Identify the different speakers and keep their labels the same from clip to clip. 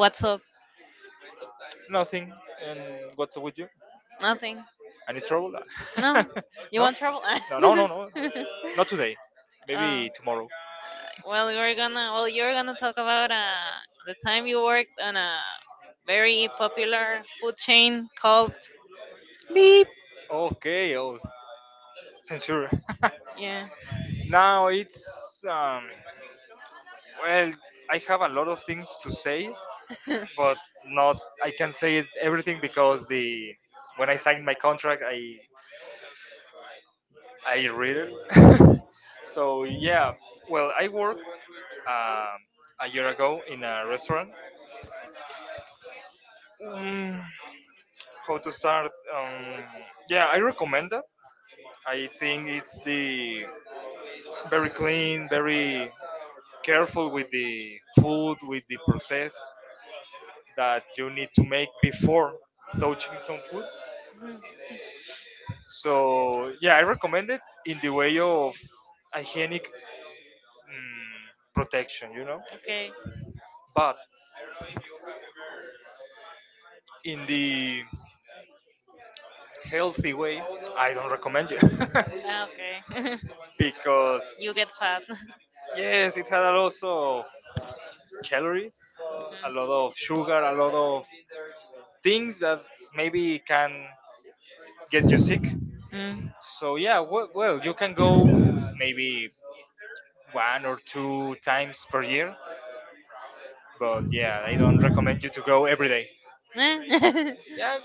Speaker 1: what's up?
Speaker 2: Nothing. And what's up with you?
Speaker 1: Nothing.
Speaker 2: Any trouble? No?
Speaker 1: No, you want trouble?
Speaker 2: No, no, no, no. Not today.
Speaker 1: uh,
Speaker 2: Maybe tomorrow.
Speaker 1: well, you're gonna talk about the time you worked on a very popular food chain called Beep.
Speaker 2: Okay, oh, censure.
Speaker 1: Yeah.
Speaker 2: Now it's well, I have a lot of things to say, but not I can say it everything because the when I signed my contract, I read it. So yeah, well, I worked um, a year ago in a restaurant. Mm, how to start, yeah, I recommend that. I think it's the very clean, very careful with the food, with the process that you need to make before touching some food.
Speaker 1: Mhm.
Speaker 2: So yeah, I recommend it in the way of hygienic, mm, protection, you know.
Speaker 1: Okay.
Speaker 2: But in the healthy way I don't recommend you.
Speaker 1: Ah, okay.
Speaker 2: Because
Speaker 1: You get fat.
Speaker 2: yes, it had a lot of calories, a lot of sugar, a lot of things that maybe can get you.
Speaker 1: Mm.
Speaker 2: So yeah, well you can go maybe one or two times per year, but yeah, I don't recommend you to go every day.
Speaker 1: Mm. Eh?
Speaker 2: Yeah,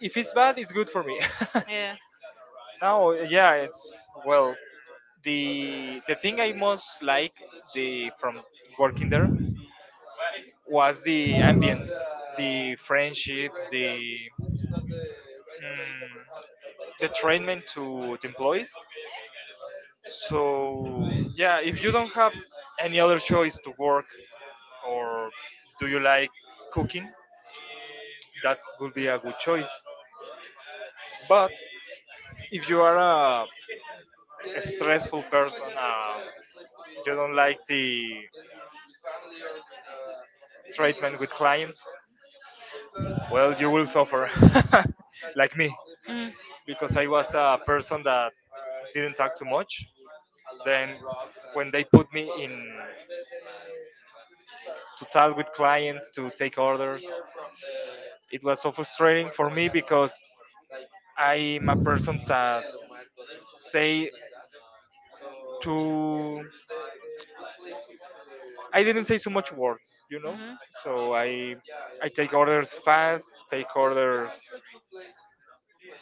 Speaker 2: if it's bad, it's good for me.
Speaker 1: Yeah.
Speaker 2: No, yeah, it's well, the thing I most like, the from working there, was the ambience, the friendships, the, mm, the training to the employees. So yeah, if you don't have any other choice to work, or do you like cooking, that would be a good choice. But if you are a stressful person, you don't like the treatment with clients, well, you will suffer like me,
Speaker 1: Mm.
Speaker 2: because I was a person that didn't talk too much. Then when they put me in to talk with clients to take orders, it was so frustrating for me because I'm a person that say too. I didn't say so much words,
Speaker 1: Mm-hmm.
Speaker 2: So I take orders fast, take orders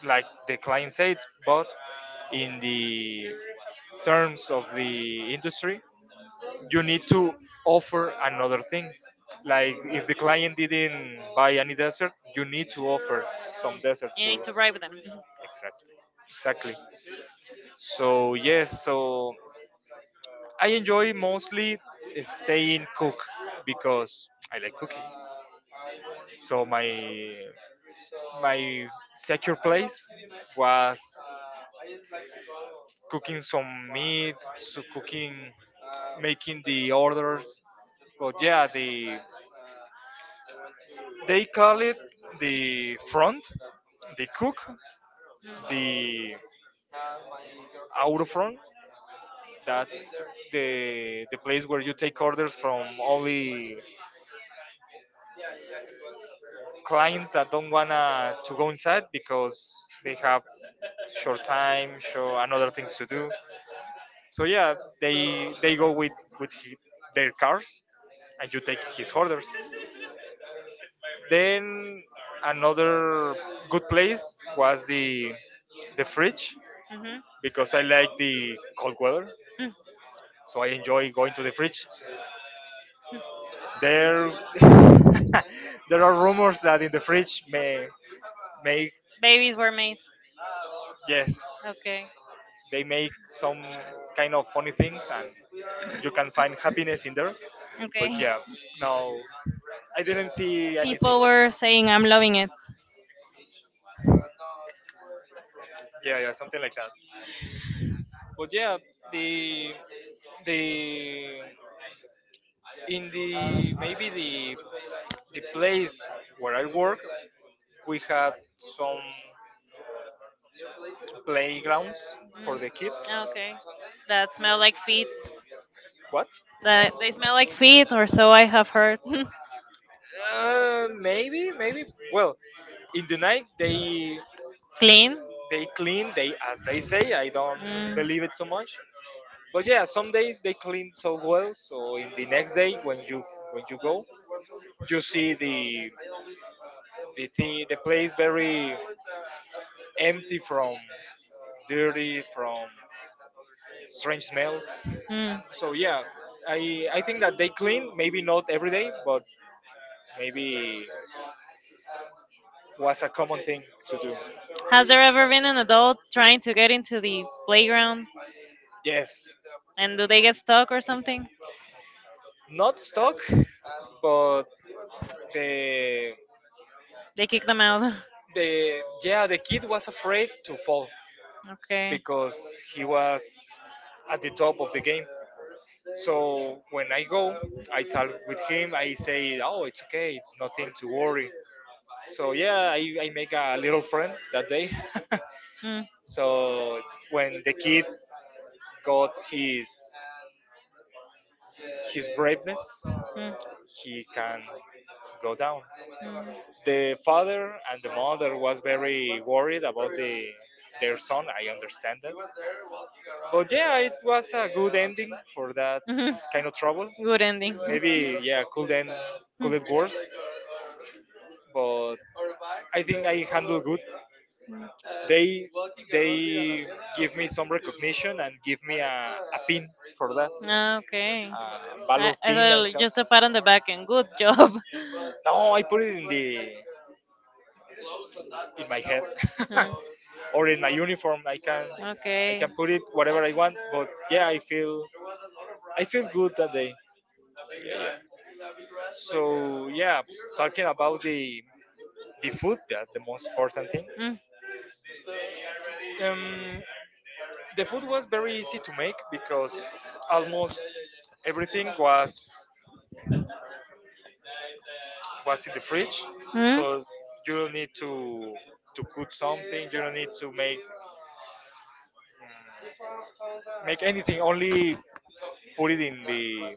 Speaker 2: like the client says, but in the terms of the industry, you need to offer another things. Like if the client didn't buy any dessert, you need to offer some dessert
Speaker 1: You need
Speaker 2: to.
Speaker 1: to write with them.
Speaker 2: Exactly. Exactly. So yes, so I enjoy mostly staying cook because I like cooking. So my secure place was cooking some meat, so cooking, making the orders. But yeah, the they call it the front, the cook, the out front. That's the place where you take orders from only clients that don't wanna to go inside because they have short time, show and other things to do. So yeah, they go with he, their cars, and you take his orders. Then another good place was the fridge,
Speaker 1: Mm-hmm.
Speaker 2: because I like the cold weather,
Speaker 1: Mm.
Speaker 2: so I enjoy going to the fridge. There, there are rumors that in the fridge may make,
Speaker 1: Babies were made.
Speaker 2: yes,
Speaker 1: Okay.
Speaker 2: they make some kind of funny things and you can find happiness in there, but
Speaker 1: Okay.
Speaker 2: yeah, no, I didn't see anything.
Speaker 1: People were saying, I'm loving it.
Speaker 2: Yeah, yeah, something like that. But yeah, the the in the maybe the place where I work, we had some playgrounds for the kids.
Speaker 1: Mm. Okay. That smell like feet.
Speaker 2: What?
Speaker 1: That they smell like feet, or so I have heard.
Speaker 2: Maybe, maybe, well, in the night
Speaker 1: Clean.
Speaker 2: they clean they as they say. I don't
Speaker 1: Mm.
Speaker 2: believe it so much, but yeah, some days they clean so well, so in the next day when you go, you see the thing, the place very empty from dirty, from strange smells.
Speaker 1: Mm.
Speaker 2: So yeah, I think that they clean maybe not every day, but maybe was a common thing to do.
Speaker 1: Has there ever been an adult trying to get into the playground
Speaker 2: Yes,
Speaker 1: and do they get stuck or something?
Speaker 2: not stock, but the,
Speaker 1: They kick them out.
Speaker 2: the the kid was afraid to fall
Speaker 1: Okay.
Speaker 2: because he was at the top of the game. So when I go, I talk with him, I say, oh, it's okay, it's nothing to worry. So yeah, I make a little friend that day.
Speaker 1: Mm.
Speaker 2: So when the kid got his braveness,
Speaker 1: Mm.
Speaker 2: he can go down.
Speaker 1: Mm.
Speaker 2: The father and the mother was very worried about the their son, I understand that. But yeah, it was a good ending for that
Speaker 1: Mhm.
Speaker 2: kind of trouble.
Speaker 1: Good ending.
Speaker 2: Maybe, yeah, could end could
Speaker 1: Mm.
Speaker 2: it worse, but I think I handled good.
Speaker 1: Mm.
Speaker 2: They they give me some recognition and give me a pin for that.
Speaker 1: Ah, okay.
Speaker 2: A
Speaker 1: I,
Speaker 2: valor
Speaker 1: I
Speaker 2: pin I
Speaker 1: thought it
Speaker 2: call.
Speaker 1: just a pat on the back and good job.
Speaker 2: No, I put it in the in my head
Speaker 1: Mm.
Speaker 2: or in my uniform. I can put it whatever I want. But yeah, I feel good that day. Yeah, yeah. So yeah, talking about the food, that the most important thing.
Speaker 1: Mm.
Speaker 2: Um, the food was very easy to make because almost everything was in the fridge,
Speaker 1: Hmm.
Speaker 2: so you don't need to cook something. You don't need to make make anything. Only put it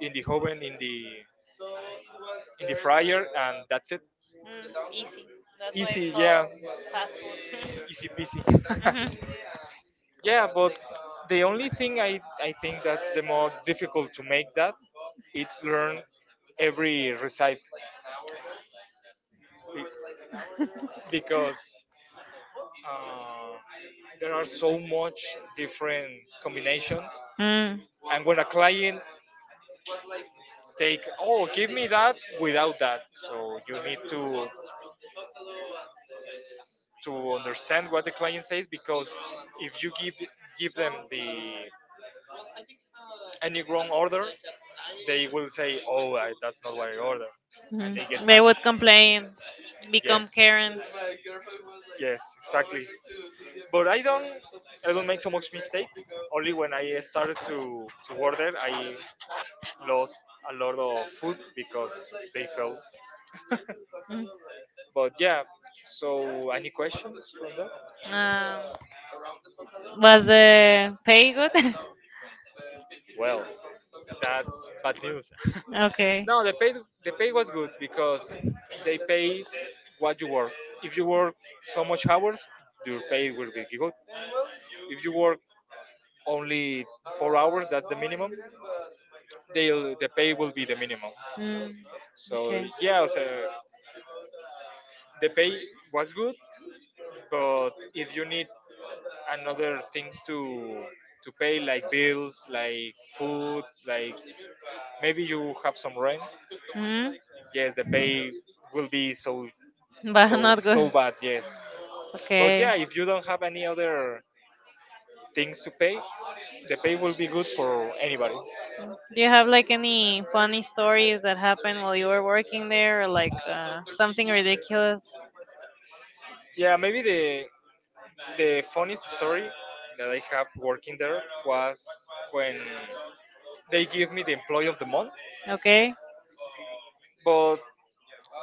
Speaker 2: in the oven, in the fryer, and that's it. Easy, yeah, easy peasy. Yeah, but the only thing I think that's the more difficult to make that, it's learn every recipe. Be- because, uh, there are so much different combinations.
Speaker 1: Mhm.
Speaker 2: And
Speaker 1: Mm.
Speaker 2: when a client take, oh, give me that without that, so you need to to understand what the client says, because if you give give them the any wrong order, they will say, oh, I, that's not what I order. And they get,
Speaker 1: Mm. They would complain, become
Speaker 2: yes,
Speaker 1: Karens.
Speaker 2: yes, exactly. But I don't make so much mistakes. Only when I started to order, I lost a lot of food because they failed.
Speaker 1: Mm.
Speaker 2: But yeah. So, any questions from that?
Speaker 1: Um, was the pay good?
Speaker 2: Well, that's bad news.
Speaker 1: okay.
Speaker 2: No, the pay, the pay was good because they pay what you work. If you work so much hours, your pay will be good. If you work only 4 hours. That's the minimum. They'll the pay will be the minimum.
Speaker 1: Mm.
Speaker 2: So
Speaker 1: Okay.
Speaker 2: yeah, so the pay was good, but if you need another things to pay, like bills, like food, like maybe you have some rent.
Speaker 1: Mm,
Speaker 2: Yes, the pay will be so
Speaker 1: but not
Speaker 2: so
Speaker 1: good.
Speaker 2: bad. Yes, but
Speaker 1: Okay.
Speaker 2: yeah, if you don't have any other things to pay, the pay will be good for anybody.
Speaker 1: Do you have like any funny stories that happened while you were working there, or like something ridiculous?
Speaker 2: Yeah, maybe the funniest story that I have working there was when they give me the employee of the month.
Speaker 1: Okay.
Speaker 2: But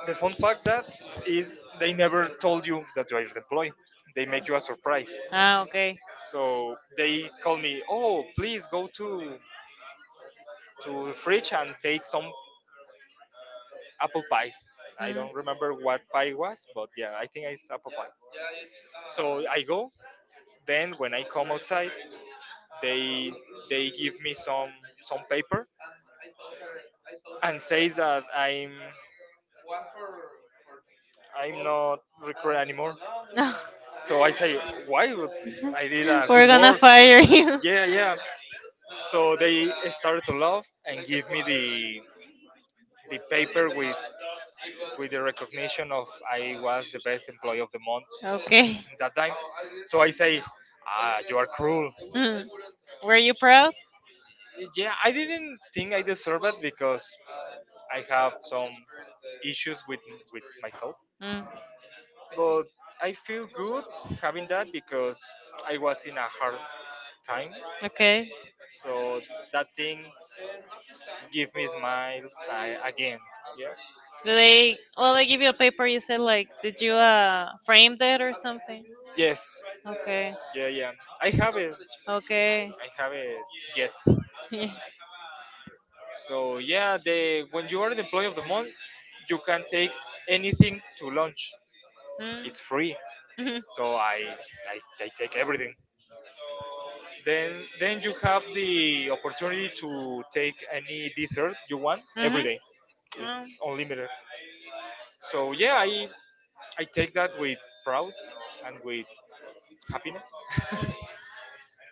Speaker 2: the fun fact that is, they never told you that you are the employee. They make you a surprise.
Speaker 1: Ah, okay.
Speaker 2: So they call me, oh, please go to the fridge and take some apple pies. I
Speaker 1: Mm.
Speaker 2: don't remember what pie was, but yeah, I think it's apple pies. So I go. Then when I come outside, they they give me some paper and says that I'm not recruit anymore.
Speaker 1: No,
Speaker 2: So I say, why would? I did a good
Speaker 1: we're gonna
Speaker 2: work?
Speaker 1: fire you.
Speaker 2: Yeah, yeah. So they started to laugh and give me the paper with the recognition of I was the best employee of the month
Speaker 1: Okay.
Speaker 2: in that time. So I say, ah, you are cruel.
Speaker 1: Mm. Were you proud?
Speaker 2: Yeah, I didn't think I deserve it because I have some issues with myself,
Speaker 1: Mm.
Speaker 2: but I feel good having that because I was in a hard time.
Speaker 1: Okay.
Speaker 2: So that things give me smiles, I, again. Yeah.
Speaker 1: Do they? Well, they give you a paper. You said like, did you frame that or something?
Speaker 2: Yes.
Speaker 1: Okay.
Speaker 2: Yeah, yeah. I have it.
Speaker 1: Okay.
Speaker 2: I have it yet. So yeah, the when you are the employee of the month, you can take anything to lunch.
Speaker 1: Mm.
Speaker 2: It's free.
Speaker 1: Mhm. Mhm.
Speaker 2: So I I take everything. Then you have the opportunity to take any dessert you want
Speaker 1: Mm.
Speaker 2: every
Speaker 1: Mm.
Speaker 2: day. It's unlimited. So yeah, I take that with proud and with happiness.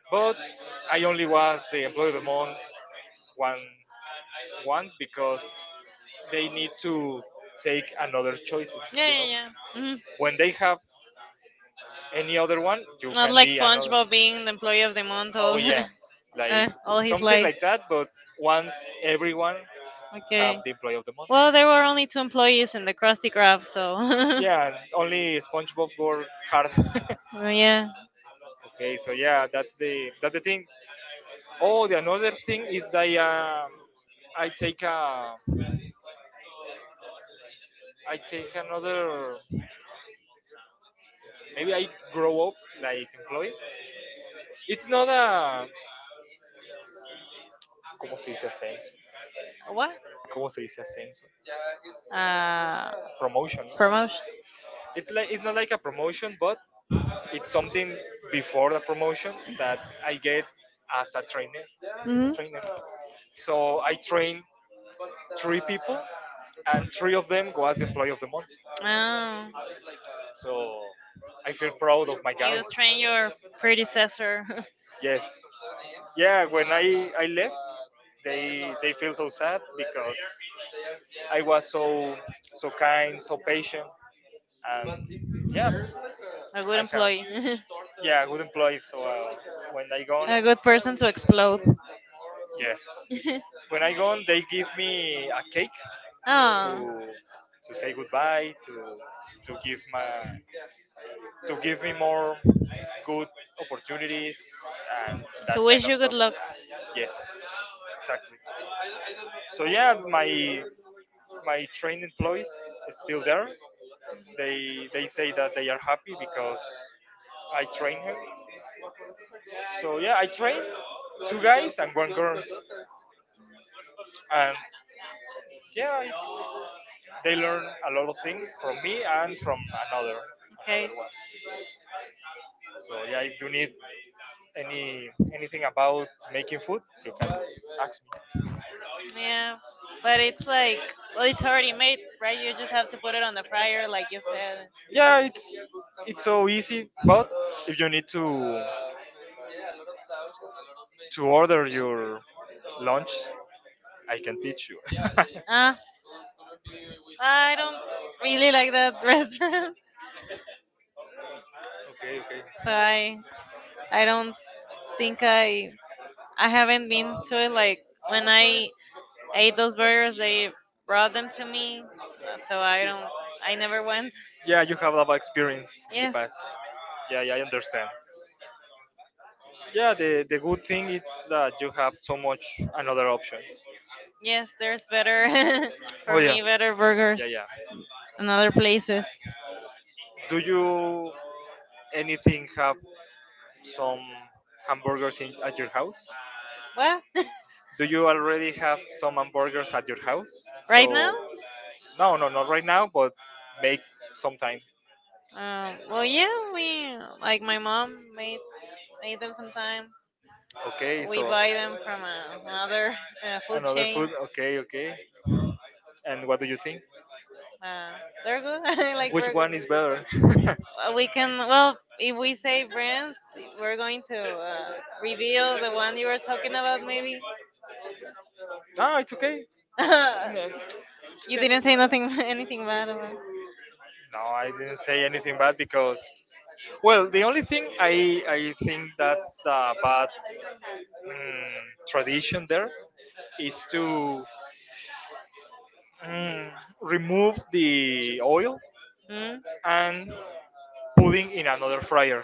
Speaker 2: But I only was the employee of the month one once because they need to take another choices,
Speaker 1: Yeah,
Speaker 2: you
Speaker 1: yeah,
Speaker 2: know.
Speaker 1: yeah. Mhm.
Speaker 2: When they have any other one, you
Speaker 1: Not
Speaker 2: can
Speaker 1: like
Speaker 2: be another.
Speaker 1: SpongeBob being the employee of the month all.
Speaker 2: Oh yeah, like
Speaker 1: Uh, all his
Speaker 2: something
Speaker 1: life.
Speaker 2: like that. But once everyone have
Speaker 1: Okay.
Speaker 2: the employee of the month.
Speaker 1: Well, there were only two employees in the Krusty Krab, so.
Speaker 2: Yeah, only SpongeBob worked hard.
Speaker 1: Well, yeah.
Speaker 2: Okay, so yeah, that's the thing. Oh, the another thing is that, I take a I take another, maybe I grow up like employee. It's not a ¿cómo se dice ascenso?
Speaker 1: What?
Speaker 2: ¿Cómo se dice ascenso?
Speaker 1: Uh,
Speaker 2: Promotion. ¿No?
Speaker 1: promotion.
Speaker 2: It's like, it's not like a promotion, but it's something before the promotion that I get as a trainer.
Speaker 1: Hmm.
Speaker 2: A trainer. So I train three people, and three of them go as employee of the month.
Speaker 1: Oh.
Speaker 2: So I feel proud of my
Speaker 1: You
Speaker 2: guys.
Speaker 1: train your predecessor.
Speaker 2: Yes. Yeah, when I left, they feel so sad because I was so so kind, so patient, and yeah,
Speaker 1: A good
Speaker 2: I have,
Speaker 1: employee.
Speaker 2: yeah, good employee. So when I gone,
Speaker 1: On, a good person to explode.
Speaker 2: yes. When I go, they give me a cake
Speaker 1: Oh,
Speaker 2: to to say goodbye, to give my to give me more good opportunities and that
Speaker 1: to
Speaker 2: kind
Speaker 1: wish
Speaker 2: of
Speaker 1: you good
Speaker 2: stuff.
Speaker 1: luck. Yes.
Speaker 2: Yes, exactly. So yeah, my trained employees is still there. They say that they are happy because I train her. So yeah, I train two guys and one girl, and yeah, it's they learn a lot of things from me and from another
Speaker 1: Okay.
Speaker 2: another ones. So yeah, if you need any anything about making food, you can ask me.
Speaker 1: Yeah, but it's like, well, it's already made, right? You just have to put it on the fryer, like you said.
Speaker 2: Yeah, it's so easy, but if you need to order your lunch, I can
Speaker 1: I
Speaker 2: teach you.
Speaker 1: Ah, I don't really like that restaurant,
Speaker 2: Okay, okay.
Speaker 1: so I don't think I haven't been to it. Like when I ate those burgers, they brought them to me, so I
Speaker 2: See.
Speaker 1: don't. I never went.
Speaker 2: Yeah, you have a lot of experience in the
Speaker 1: Yes,
Speaker 2: past. Yeah, yeah, I understand. Yeah, the good thing is that you have so much another options.
Speaker 1: yes. There's better for
Speaker 2: Oh yeah,
Speaker 1: me. Better
Speaker 2: yeah, yeah.
Speaker 1: burgers in other places.
Speaker 2: Do you anything have some hamburgers in, at your house?
Speaker 1: What?
Speaker 2: Do you already have some hamburgers at your house?
Speaker 1: Right
Speaker 2: So
Speaker 1: now?
Speaker 2: no, no, not right now, but make sometime.
Speaker 1: Well, yeah. We like my mom made them sometimes.
Speaker 2: Okay,
Speaker 1: We
Speaker 2: so
Speaker 1: buy them from another food
Speaker 2: another
Speaker 1: chain.
Speaker 2: food. Okay, okay. And what do you think?
Speaker 1: Uh, they're good. I like
Speaker 2: Which
Speaker 1: burgers.
Speaker 2: one is better?
Speaker 1: We can well if we say brands we're going to reveal the one you were talking about maybe
Speaker 2: No, it's okay. Yeah, it's
Speaker 1: you
Speaker 2: okay.
Speaker 1: didn't say nothing anything bad about
Speaker 2: No, I didn't say anything bad because, well, the only thing I think that's the bad mm, tradition there is to mm, remove the oil
Speaker 1: hmm?
Speaker 2: and putting in another fryer.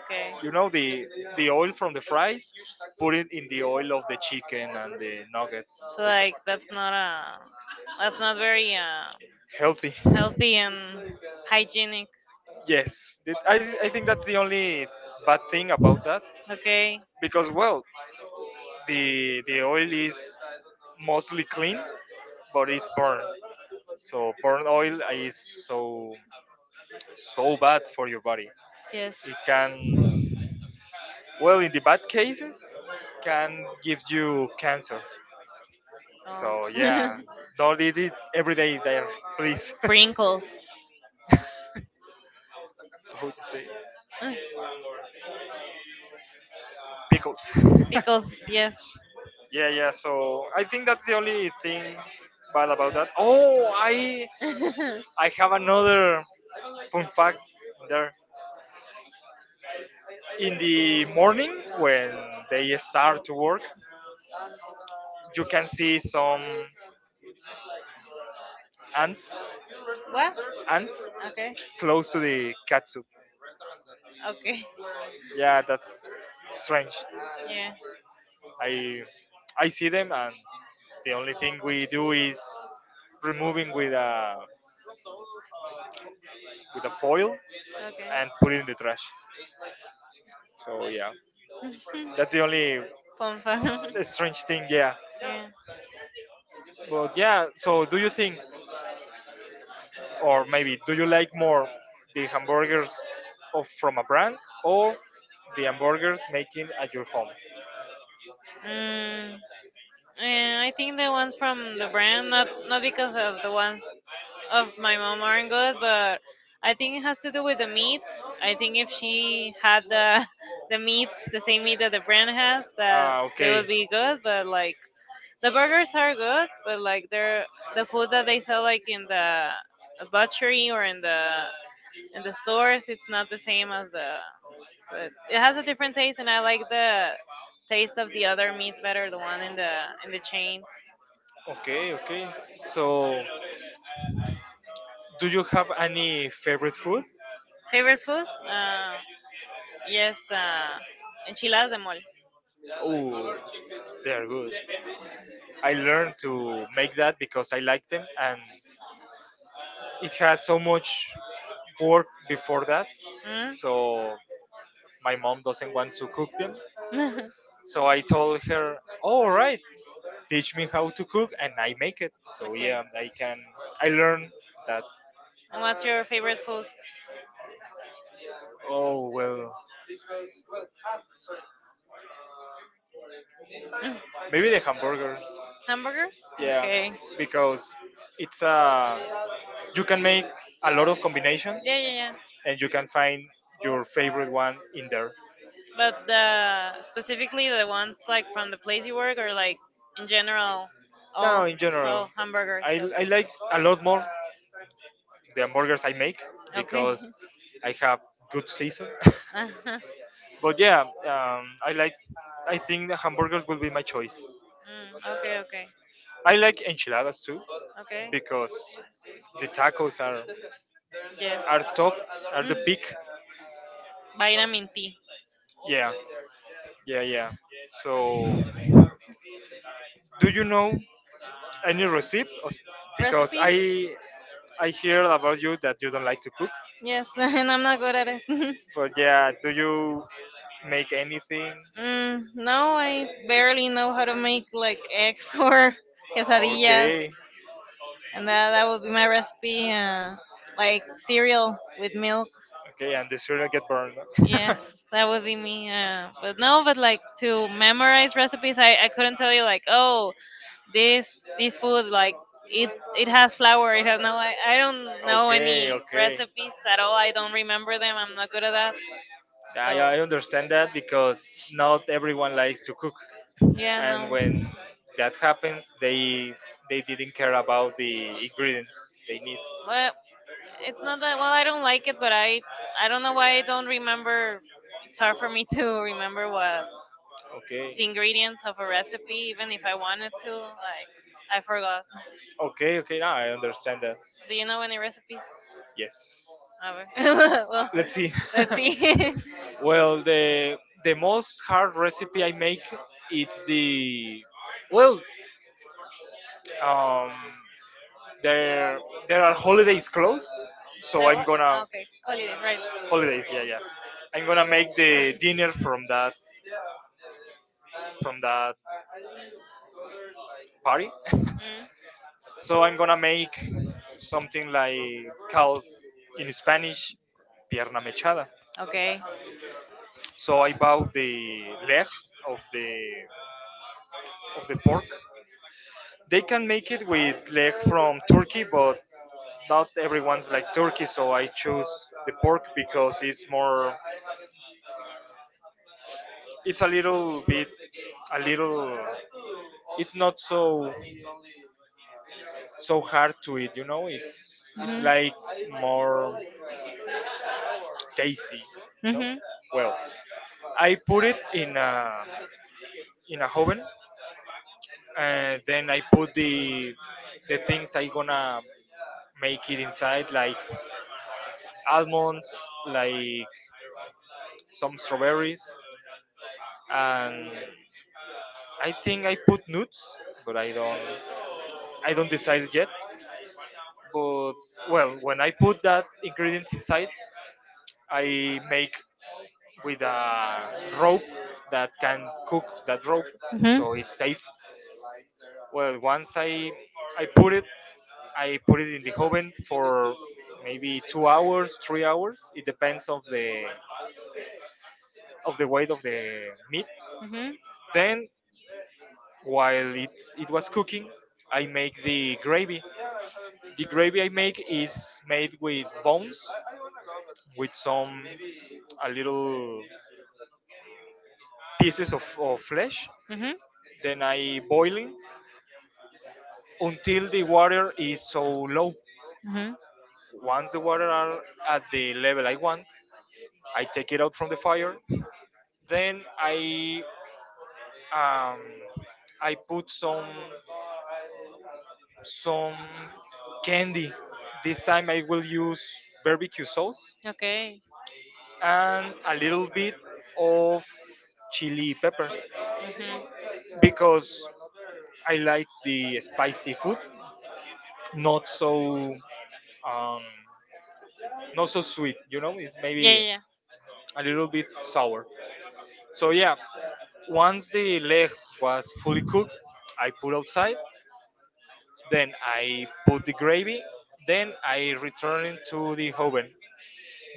Speaker 1: Okay,
Speaker 2: You know the oil from the fries, put it in the oil of the chicken and the nuggets.
Speaker 1: so
Speaker 2: It's okay.
Speaker 1: like that's not a that's not very
Speaker 2: Healthy.
Speaker 1: healthy and hygienic
Speaker 2: Yes, that- I think
Speaker 1: okay
Speaker 2: that's the only bad thing about that
Speaker 1: okay
Speaker 2: because well, the oil is mostly clean, but it's burned. So burn oil is so so bad for your body.
Speaker 1: yes
Speaker 2: It can, well, in the bad cases can give you cancer. So yeah,
Speaker 1: oh.
Speaker 2: don't eat it every day there, please.
Speaker 1: Sprinkles
Speaker 2: How to say pickles.
Speaker 1: because yes.
Speaker 2: Yeah, yeah. So I think that's the only thing bad about that. Oh, I have another fun fact there. In the morning when they start to work, you can see some ants
Speaker 1: What?
Speaker 2: ants
Speaker 1: Okay.
Speaker 2: close to the katsu.
Speaker 1: Okay.
Speaker 2: Yeah, that's strange.
Speaker 1: Yeah.
Speaker 2: I I see them and the only thing we do is removing with a foil
Speaker 1: Okay.
Speaker 2: and put it in the trash. So yeah. That's the only
Speaker 1: Fun fact.
Speaker 2: s- strange thing, yeah.
Speaker 1: Yeah.
Speaker 2: But yeah, so do you think, or maybe do you like more the hamburgers of from a brand or the hamburgers making at your home?
Speaker 1: Mm. I think the ones from the brand, not not because of the ones of my mom aren't good, but I think it has to do with the meat. I think if she had the the meat, the same meat that the brand has, that
Speaker 2: Ah,
Speaker 1: they
Speaker 2: okay,
Speaker 1: would be good. But like the burgers are good, but like they're the food that they sell like in the butchery or in the stores, it's not the same as the. But it has a different taste, and I like the taste of the other meat better, the one in the chains.
Speaker 2: okay, okay. So, do you have any favorite food?
Speaker 1: Favorite food? Yes, enchiladas de mole.
Speaker 2: Oh, they're good. I learned to make that because I like them and it has so much work before that,
Speaker 1: Mm?
Speaker 2: so my mom doesn't want to cook them. So I told her, "All right, teach me how to cook, and I make it." So
Speaker 1: Okay.
Speaker 2: yeah, I can. I learned that.
Speaker 1: And what's your favorite food?
Speaker 2: Oh well,
Speaker 1: Mm.
Speaker 2: maybe the hamburgers.
Speaker 1: Hamburgers?
Speaker 2: Yeah,
Speaker 1: Okay.
Speaker 2: because it's a, you can make a lot of combinations,
Speaker 1: Yeah, yeah, yeah.
Speaker 2: and you can find your favorite one in there.
Speaker 1: But the specifically the ones like from the place you work or like in general
Speaker 2: Now,
Speaker 1: oh,
Speaker 2: in general,
Speaker 1: oh, hamburgers,
Speaker 2: I
Speaker 1: okay.
Speaker 2: like a lot more the hamburgers I make
Speaker 1: Okay.
Speaker 2: because I have good season.
Speaker 1: Uh-huh.
Speaker 2: But yeah, I like. I think the hamburgers will be my choice.
Speaker 1: Mm, okay, okay.
Speaker 2: I like enchiladas too
Speaker 1: Okay.
Speaker 2: because the tacos
Speaker 1: Yes.
Speaker 2: are top, are the peak.
Speaker 1: Mm. Vitamin T.
Speaker 2: Yeah, yeah, yeah. So, do you know any recipe? Os- Because
Speaker 1: Recipes?
Speaker 2: I hear about you that you don't like to cook.
Speaker 1: Yes, and I'm not good at it.
Speaker 2: But yeah, do you make anything?
Speaker 1: Mm, no, I barely know how to make like eggs or quesadillas,
Speaker 2: Okay,
Speaker 1: and that would be my recipe. Like cereal with milk.
Speaker 2: okay, and the cereal get burned.
Speaker 1: Yes, that would be me. But no, but like to memorize recipes, I couldn't tell you like oh this food like it it has flour it has no I don't know
Speaker 2: Okay,
Speaker 1: any
Speaker 2: okay.
Speaker 1: recipes at all, I don't remember them, I'm not good at that
Speaker 2: I
Speaker 1: so
Speaker 2: I, understand that because not everyone likes to cook,
Speaker 1: yeah
Speaker 2: and
Speaker 1: no
Speaker 2: when that happens, they didn't care about the ingredients they need.
Speaker 1: well it's not that well I don't like it but i don't know why I don't remember, it's hard for me to remember what
Speaker 2: Okay,
Speaker 1: the ingredients of a recipe even if I wanted to like I forgot.
Speaker 2: okay, okay. Now I understand that.
Speaker 1: Do you know any recipes?
Speaker 2: Yes.
Speaker 1: Never. Well,
Speaker 2: Let's see.
Speaker 1: let's see.
Speaker 2: Well, the most hard recipe I make it's the, well, um there
Speaker 1: Let's see.
Speaker 2: there are holidays close,
Speaker 1: The
Speaker 2: so I'm
Speaker 1: what? Ah,
Speaker 2: gonna
Speaker 1: okay, holidays, right?
Speaker 2: holidays, yeah, yeah, I'm gonna make the dinner from that party.
Speaker 1: Mm,
Speaker 2: So I'm gonna make something like called in Spanish pierna mechada.
Speaker 1: okay.
Speaker 2: So I bought the leg of the of the pork. They can make it with leg from Turkey, but not everyone's like Turkey, so I choose the pork because it's more. It's a little bit, a little. It's not so so hard to eat, you know. It's
Speaker 1: Mhm.
Speaker 2: like more tasty, you know.
Speaker 1: Mhm.
Speaker 2: Well, I put it in a oven, and then I put the things I gonna make it inside, like almonds, like some strawberries, and I think I put nuts, but I don't decide yet. But well, when I put that ingredients inside, I make with a rope that can cook that rope,
Speaker 1: Mhm.
Speaker 2: so it's safe. Well, once I put it, I put it in the oven for maybe 2 hours, 3 hours. It depends of the weight of the meat.
Speaker 1: Mhm.
Speaker 2: Then while it was cooking, I make the gravy. The gravy I make is made with bones, with some a little pieces of flesh.
Speaker 1: Mhm.
Speaker 2: Then I boil it until the water is so low.
Speaker 1: Mhm.
Speaker 2: Once the water are at the level I want, I take it out from the fire. Then um, I put some candy. This time I will use barbecue sauce
Speaker 1: Okay.
Speaker 2: and a little bit of chili pepper,
Speaker 1: Mhm.
Speaker 2: because I like the spicy food, not so um, not so sweet. You know, it's
Speaker 1: Yeah, yeah,
Speaker 2: maybe
Speaker 1: yeah.
Speaker 2: a little bit sour. So yeah, once the leg was fully cooked, I put outside. Then I put the gravy. Then I return it to the oven,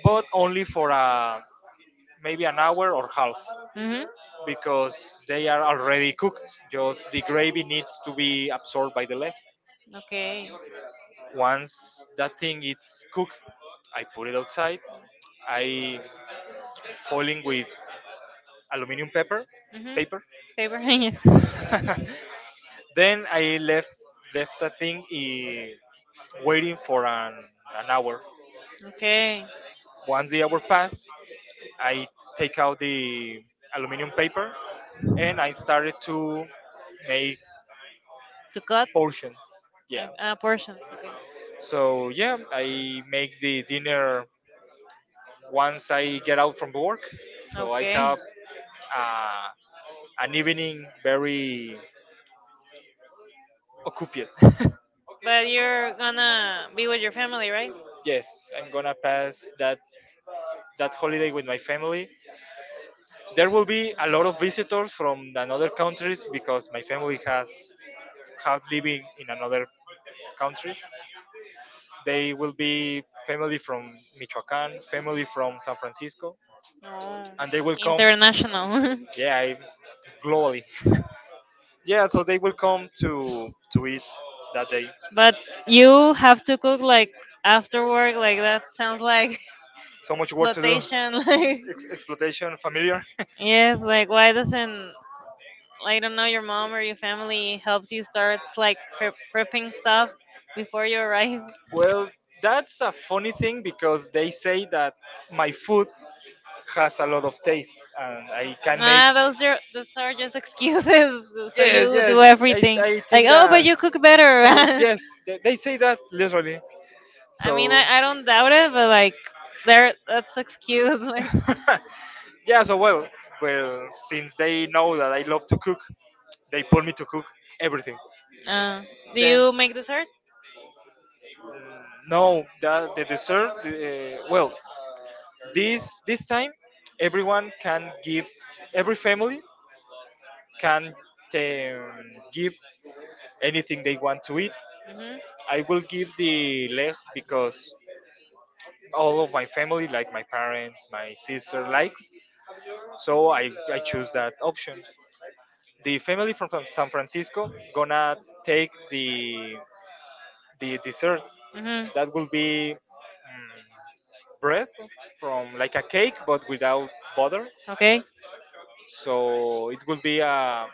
Speaker 2: but only for a, maybe an hour or half,
Speaker 1: Mhm.
Speaker 2: because they are already cooked. Just the gravy needs to be absorbed by the leg.
Speaker 1: Okay.
Speaker 2: Once that thing is cooked, I put it outside. I foiling with aluminum paper,
Speaker 1: Mhm.
Speaker 2: paper.
Speaker 1: Paper. Yeah.
Speaker 2: Then I left the thing I- waiting for an hour.
Speaker 1: Okay.
Speaker 2: Once the hour passed, I take out the aluminum paper and I started to make
Speaker 1: To cut.
Speaker 2: portions.
Speaker 1: Uh,
Speaker 2: Yeah.
Speaker 1: uh, portions. Okay.
Speaker 2: So yeah, I make the dinner once I get out from work. So I
Speaker 1: Okay.
Speaker 2: have uh, an evening very occupied.
Speaker 1: Okay, but you're gonna be with your family, right?
Speaker 2: Yes, I'm gonna pass that that holiday with my family. There will be a lot of visitors from the other countries because my family has have living in another countries. They will be family from Michoacán, family from San Francisco,
Speaker 1: No.
Speaker 2: and they will come.
Speaker 1: International.
Speaker 2: Yeah, I- globally. Yeah, so they will come to eat that day.
Speaker 1: But you have to cook like after work, like that sounds like
Speaker 2: So much work to do. Exploitation,
Speaker 1: exploitation.
Speaker 2: like- Ex- exploitation familiar.
Speaker 1: Like yes, like why doesn't I don't know your mom or your family helps you start like pre- prepping stuff before you arrive?
Speaker 2: Well, that's a funny thing because they say that my food has a lot of taste and I can make.
Speaker 1: Nah, those are just excuses. So
Speaker 2: Yes,
Speaker 1: you
Speaker 2: yes.
Speaker 1: do
Speaker 2: I,
Speaker 1: everything.
Speaker 2: I
Speaker 1: Like
Speaker 2: think
Speaker 1: oh, but
Speaker 2: that.
Speaker 1: you cook better.
Speaker 2: Yes, they say that literally.
Speaker 1: I mean,
Speaker 2: So,
Speaker 1: I don't doubt it, but like, there that's excuse. Like,
Speaker 2: yeah, so well, well, since they know that I love to cook, they pull me to cook everything.
Speaker 1: uh, do
Speaker 2: Then,
Speaker 1: you make dessert?
Speaker 2: no, the dessert, well, this time everyone can give, every family can't um, give anything they want to eat.
Speaker 1: Mhm.
Speaker 2: I will give the leg because all of my family, like my parents, my sister, likes. So I choose that option. The family from San Francisco gonna take the dessert.
Speaker 1: Mhm.
Speaker 2: That will be, mm, bread from like a cake but without butter.
Speaker 1: Okay.
Speaker 2: So it will be a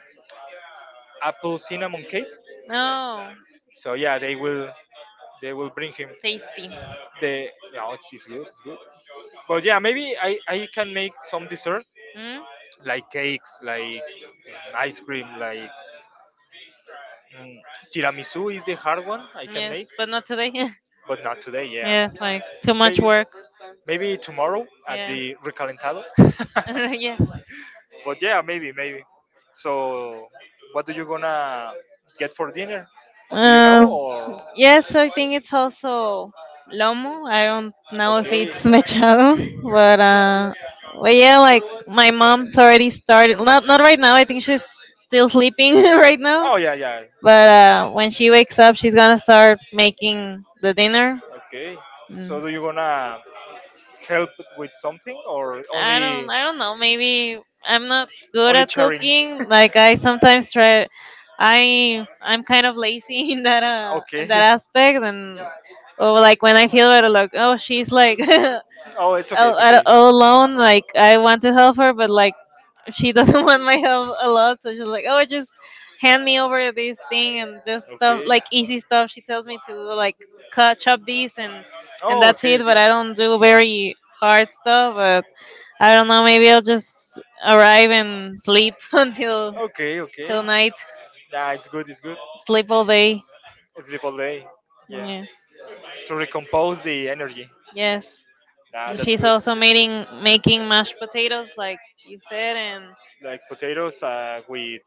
Speaker 2: apple cinnamon cake.
Speaker 1: No.
Speaker 2: So yeah, they will bring him.
Speaker 1: Tasty.
Speaker 2: The no, it's good, it's good. But yeah, maybe I can make some dessert
Speaker 1: Mm?
Speaker 2: like cakes, like ice cream, like, mm, tiramisu is the hard one I can
Speaker 1: Yes,
Speaker 2: make,
Speaker 1: but not today.
Speaker 2: but not today. Yeah,
Speaker 1: Yes, like too much
Speaker 2: maybe
Speaker 1: work.
Speaker 2: maybe tomorrow at
Speaker 1: Yeah.
Speaker 2: the recalentado.
Speaker 1: Yes.
Speaker 2: But yeah, maybe maybe. So, what do you gonna get for dinner? Do you know
Speaker 1: Um.
Speaker 2: or
Speaker 1: Yes, I think it's also lomo. I don't know if
Speaker 2: okay?
Speaker 1: it's mechado, but uh, but yeah, like my mom's already started. Not not right now. I think she's still sleeping right now.
Speaker 2: Oh yeah, yeah,
Speaker 1: But when she wakes up, she's gonna start making the dinner.
Speaker 2: okay. So
Speaker 1: Mm.
Speaker 2: do you gonna help with something or
Speaker 1: I don't
Speaker 2: only
Speaker 1: I don't know. Maybe I'm not good
Speaker 2: only
Speaker 1: at
Speaker 2: sharing?
Speaker 1: cooking. Like I sometimes try. I'm kind of lazy in that
Speaker 2: Okay.
Speaker 1: aspect and or like when I feel better, like oh she's like
Speaker 2: Oh, it's okay.
Speaker 1: all alone. Like I want to help her, but like she doesn't want my help a lot. So she's like oh just hand me over this thing and just stuff
Speaker 2: Okay.
Speaker 1: like easy stuff. She tells me to like cut chop these and
Speaker 2: Oh,
Speaker 1: that's
Speaker 2: okay,
Speaker 1: it.
Speaker 2: okay,
Speaker 1: But I don't do very hard stuff. But I don't know. Maybe I'll just arrive and sleep until
Speaker 2: okay, okay.
Speaker 1: till night.
Speaker 2: Yeah, it's good. It's good.
Speaker 1: Sleep all day.
Speaker 2: Sleep all day. Yeah,
Speaker 1: Yes.
Speaker 2: to recompose the energy.
Speaker 1: Yes.
Speaker 2: Yeah, that's
Speaker 1: She's also making mashed potatoes, like you said, and
Speaker 2: like potatoes with.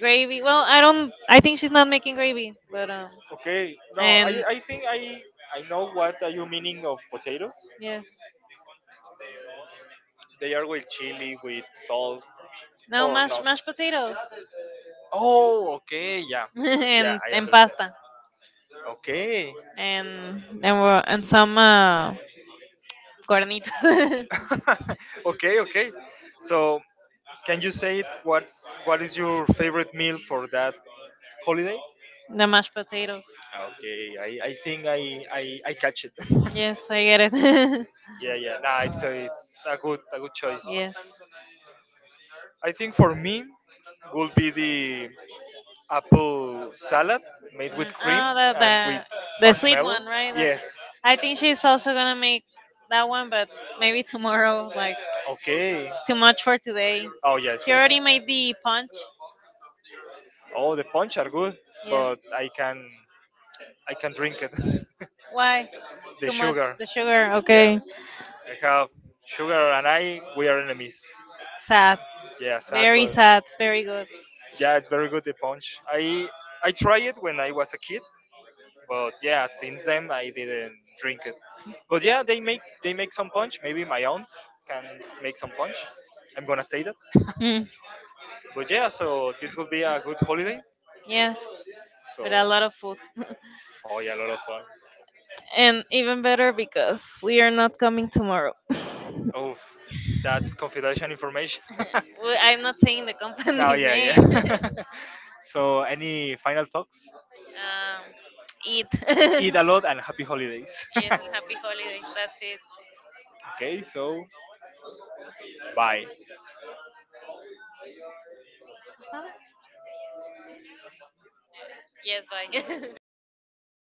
Speaker 1: gravy. Well, I don't. I think she's not making gravy, but
Speaker 2: Okay, no, I,
Speaker 1: and
Speaker 2: I think I know what are you meaning of potatoes.
Speaker 1: yes,
Speaker 2: They are with chili, with salt.
Speaker 1: no
Speaker 2: Or
Speaker 1: mashed
Speaker 2: not?
Speaker 1: mashed potatoes
Speaker 2: Oh, okay, yeah, yeah, I
Speaker 1: and
Speaker 2: understand.
Speaker 1: pasta
Speaker 2: Okay,
Speaker 1: and we're- and some carnita,
Speaker 2: okay, okay. So, can you say it? What's what is your favorite meal for that holiday?
Speaker 1: the mashed potatoes.
Speaker 2: Okay, I think I catch it.
Speaker 1: Yes, I get it.
Speaker 2: Yeah, yeah. Nah, it's a good choice.
Speaker 1: Yes. Mm,
Speaker 2: I think for me would be the apple salad made with cream
Speaker 1: oh, the,
Speaker 2: and
Speaker 1: the
Speaker 2: with
Speaker 1: the sweet one,
Speaker 2: marshmallows.
Speaker 1: right? That's.
Speaker 2: Yes.
Speaker 1: I think she's also gonna make that one, but maybe tomorrow. Like
Speaker 2: Okay.
Speaker 1: it's too much for today.
Speaker 2: Oh yes,
Speaker 1: She
Speaker 2: yes.
Speaker 1: already made the punch.
Speaker 2: Oh, the punch are good,
Speaker 1: Yeah.
Speaker 2: but I can drink it.
Speaker 1: Why?
Speaker 2: The
Speaker 1: Too much
Speaker 2: sugar.
Speaker 1: the sugar. Okay.
Speaker 2: I have sugar and I we are enemies.
Speaker 1: Sad.
Speaker 2: Yeah, sad,
Speaker 1: Very
Speaker 2: but
Speaker 1: sad. It's very good.
Speaker 2: yeah, it's very good. The punch. I tried it when I was a kid, but yeah, since then I didn't drink it. But yeah, they make some punch. Maybe my aunt can make some punch. I'm gonna say that.
Speaker 1: Mm,
Speaker 2: But yeah, so this could be a good holiday.
Speaker 1: yes.
Speaker 2: So
Speaker 1: With a lot of food.
Speaker 2: oh yeah, a lot of fun.
Speaker 1: And even better because we are not coming tomorrow.
Speaker 2: Oof, that's confidential information.
Speaker 1: Well, I'm not saying the
Speaker 2: Now
Speaker 1: company's
Speaker 2: yeah,
Speaker 1: name.
Speaker 2: yeah. So any final thoughts?
Speaker 1: Um, eat. Yes,
Speaker 2: Eat a lot and happy holidays.
Speaker 1: and happy holidays. That's it.
Speaker 2: Okay, so bye.
Speaker 1: That's not it? Yes, bye.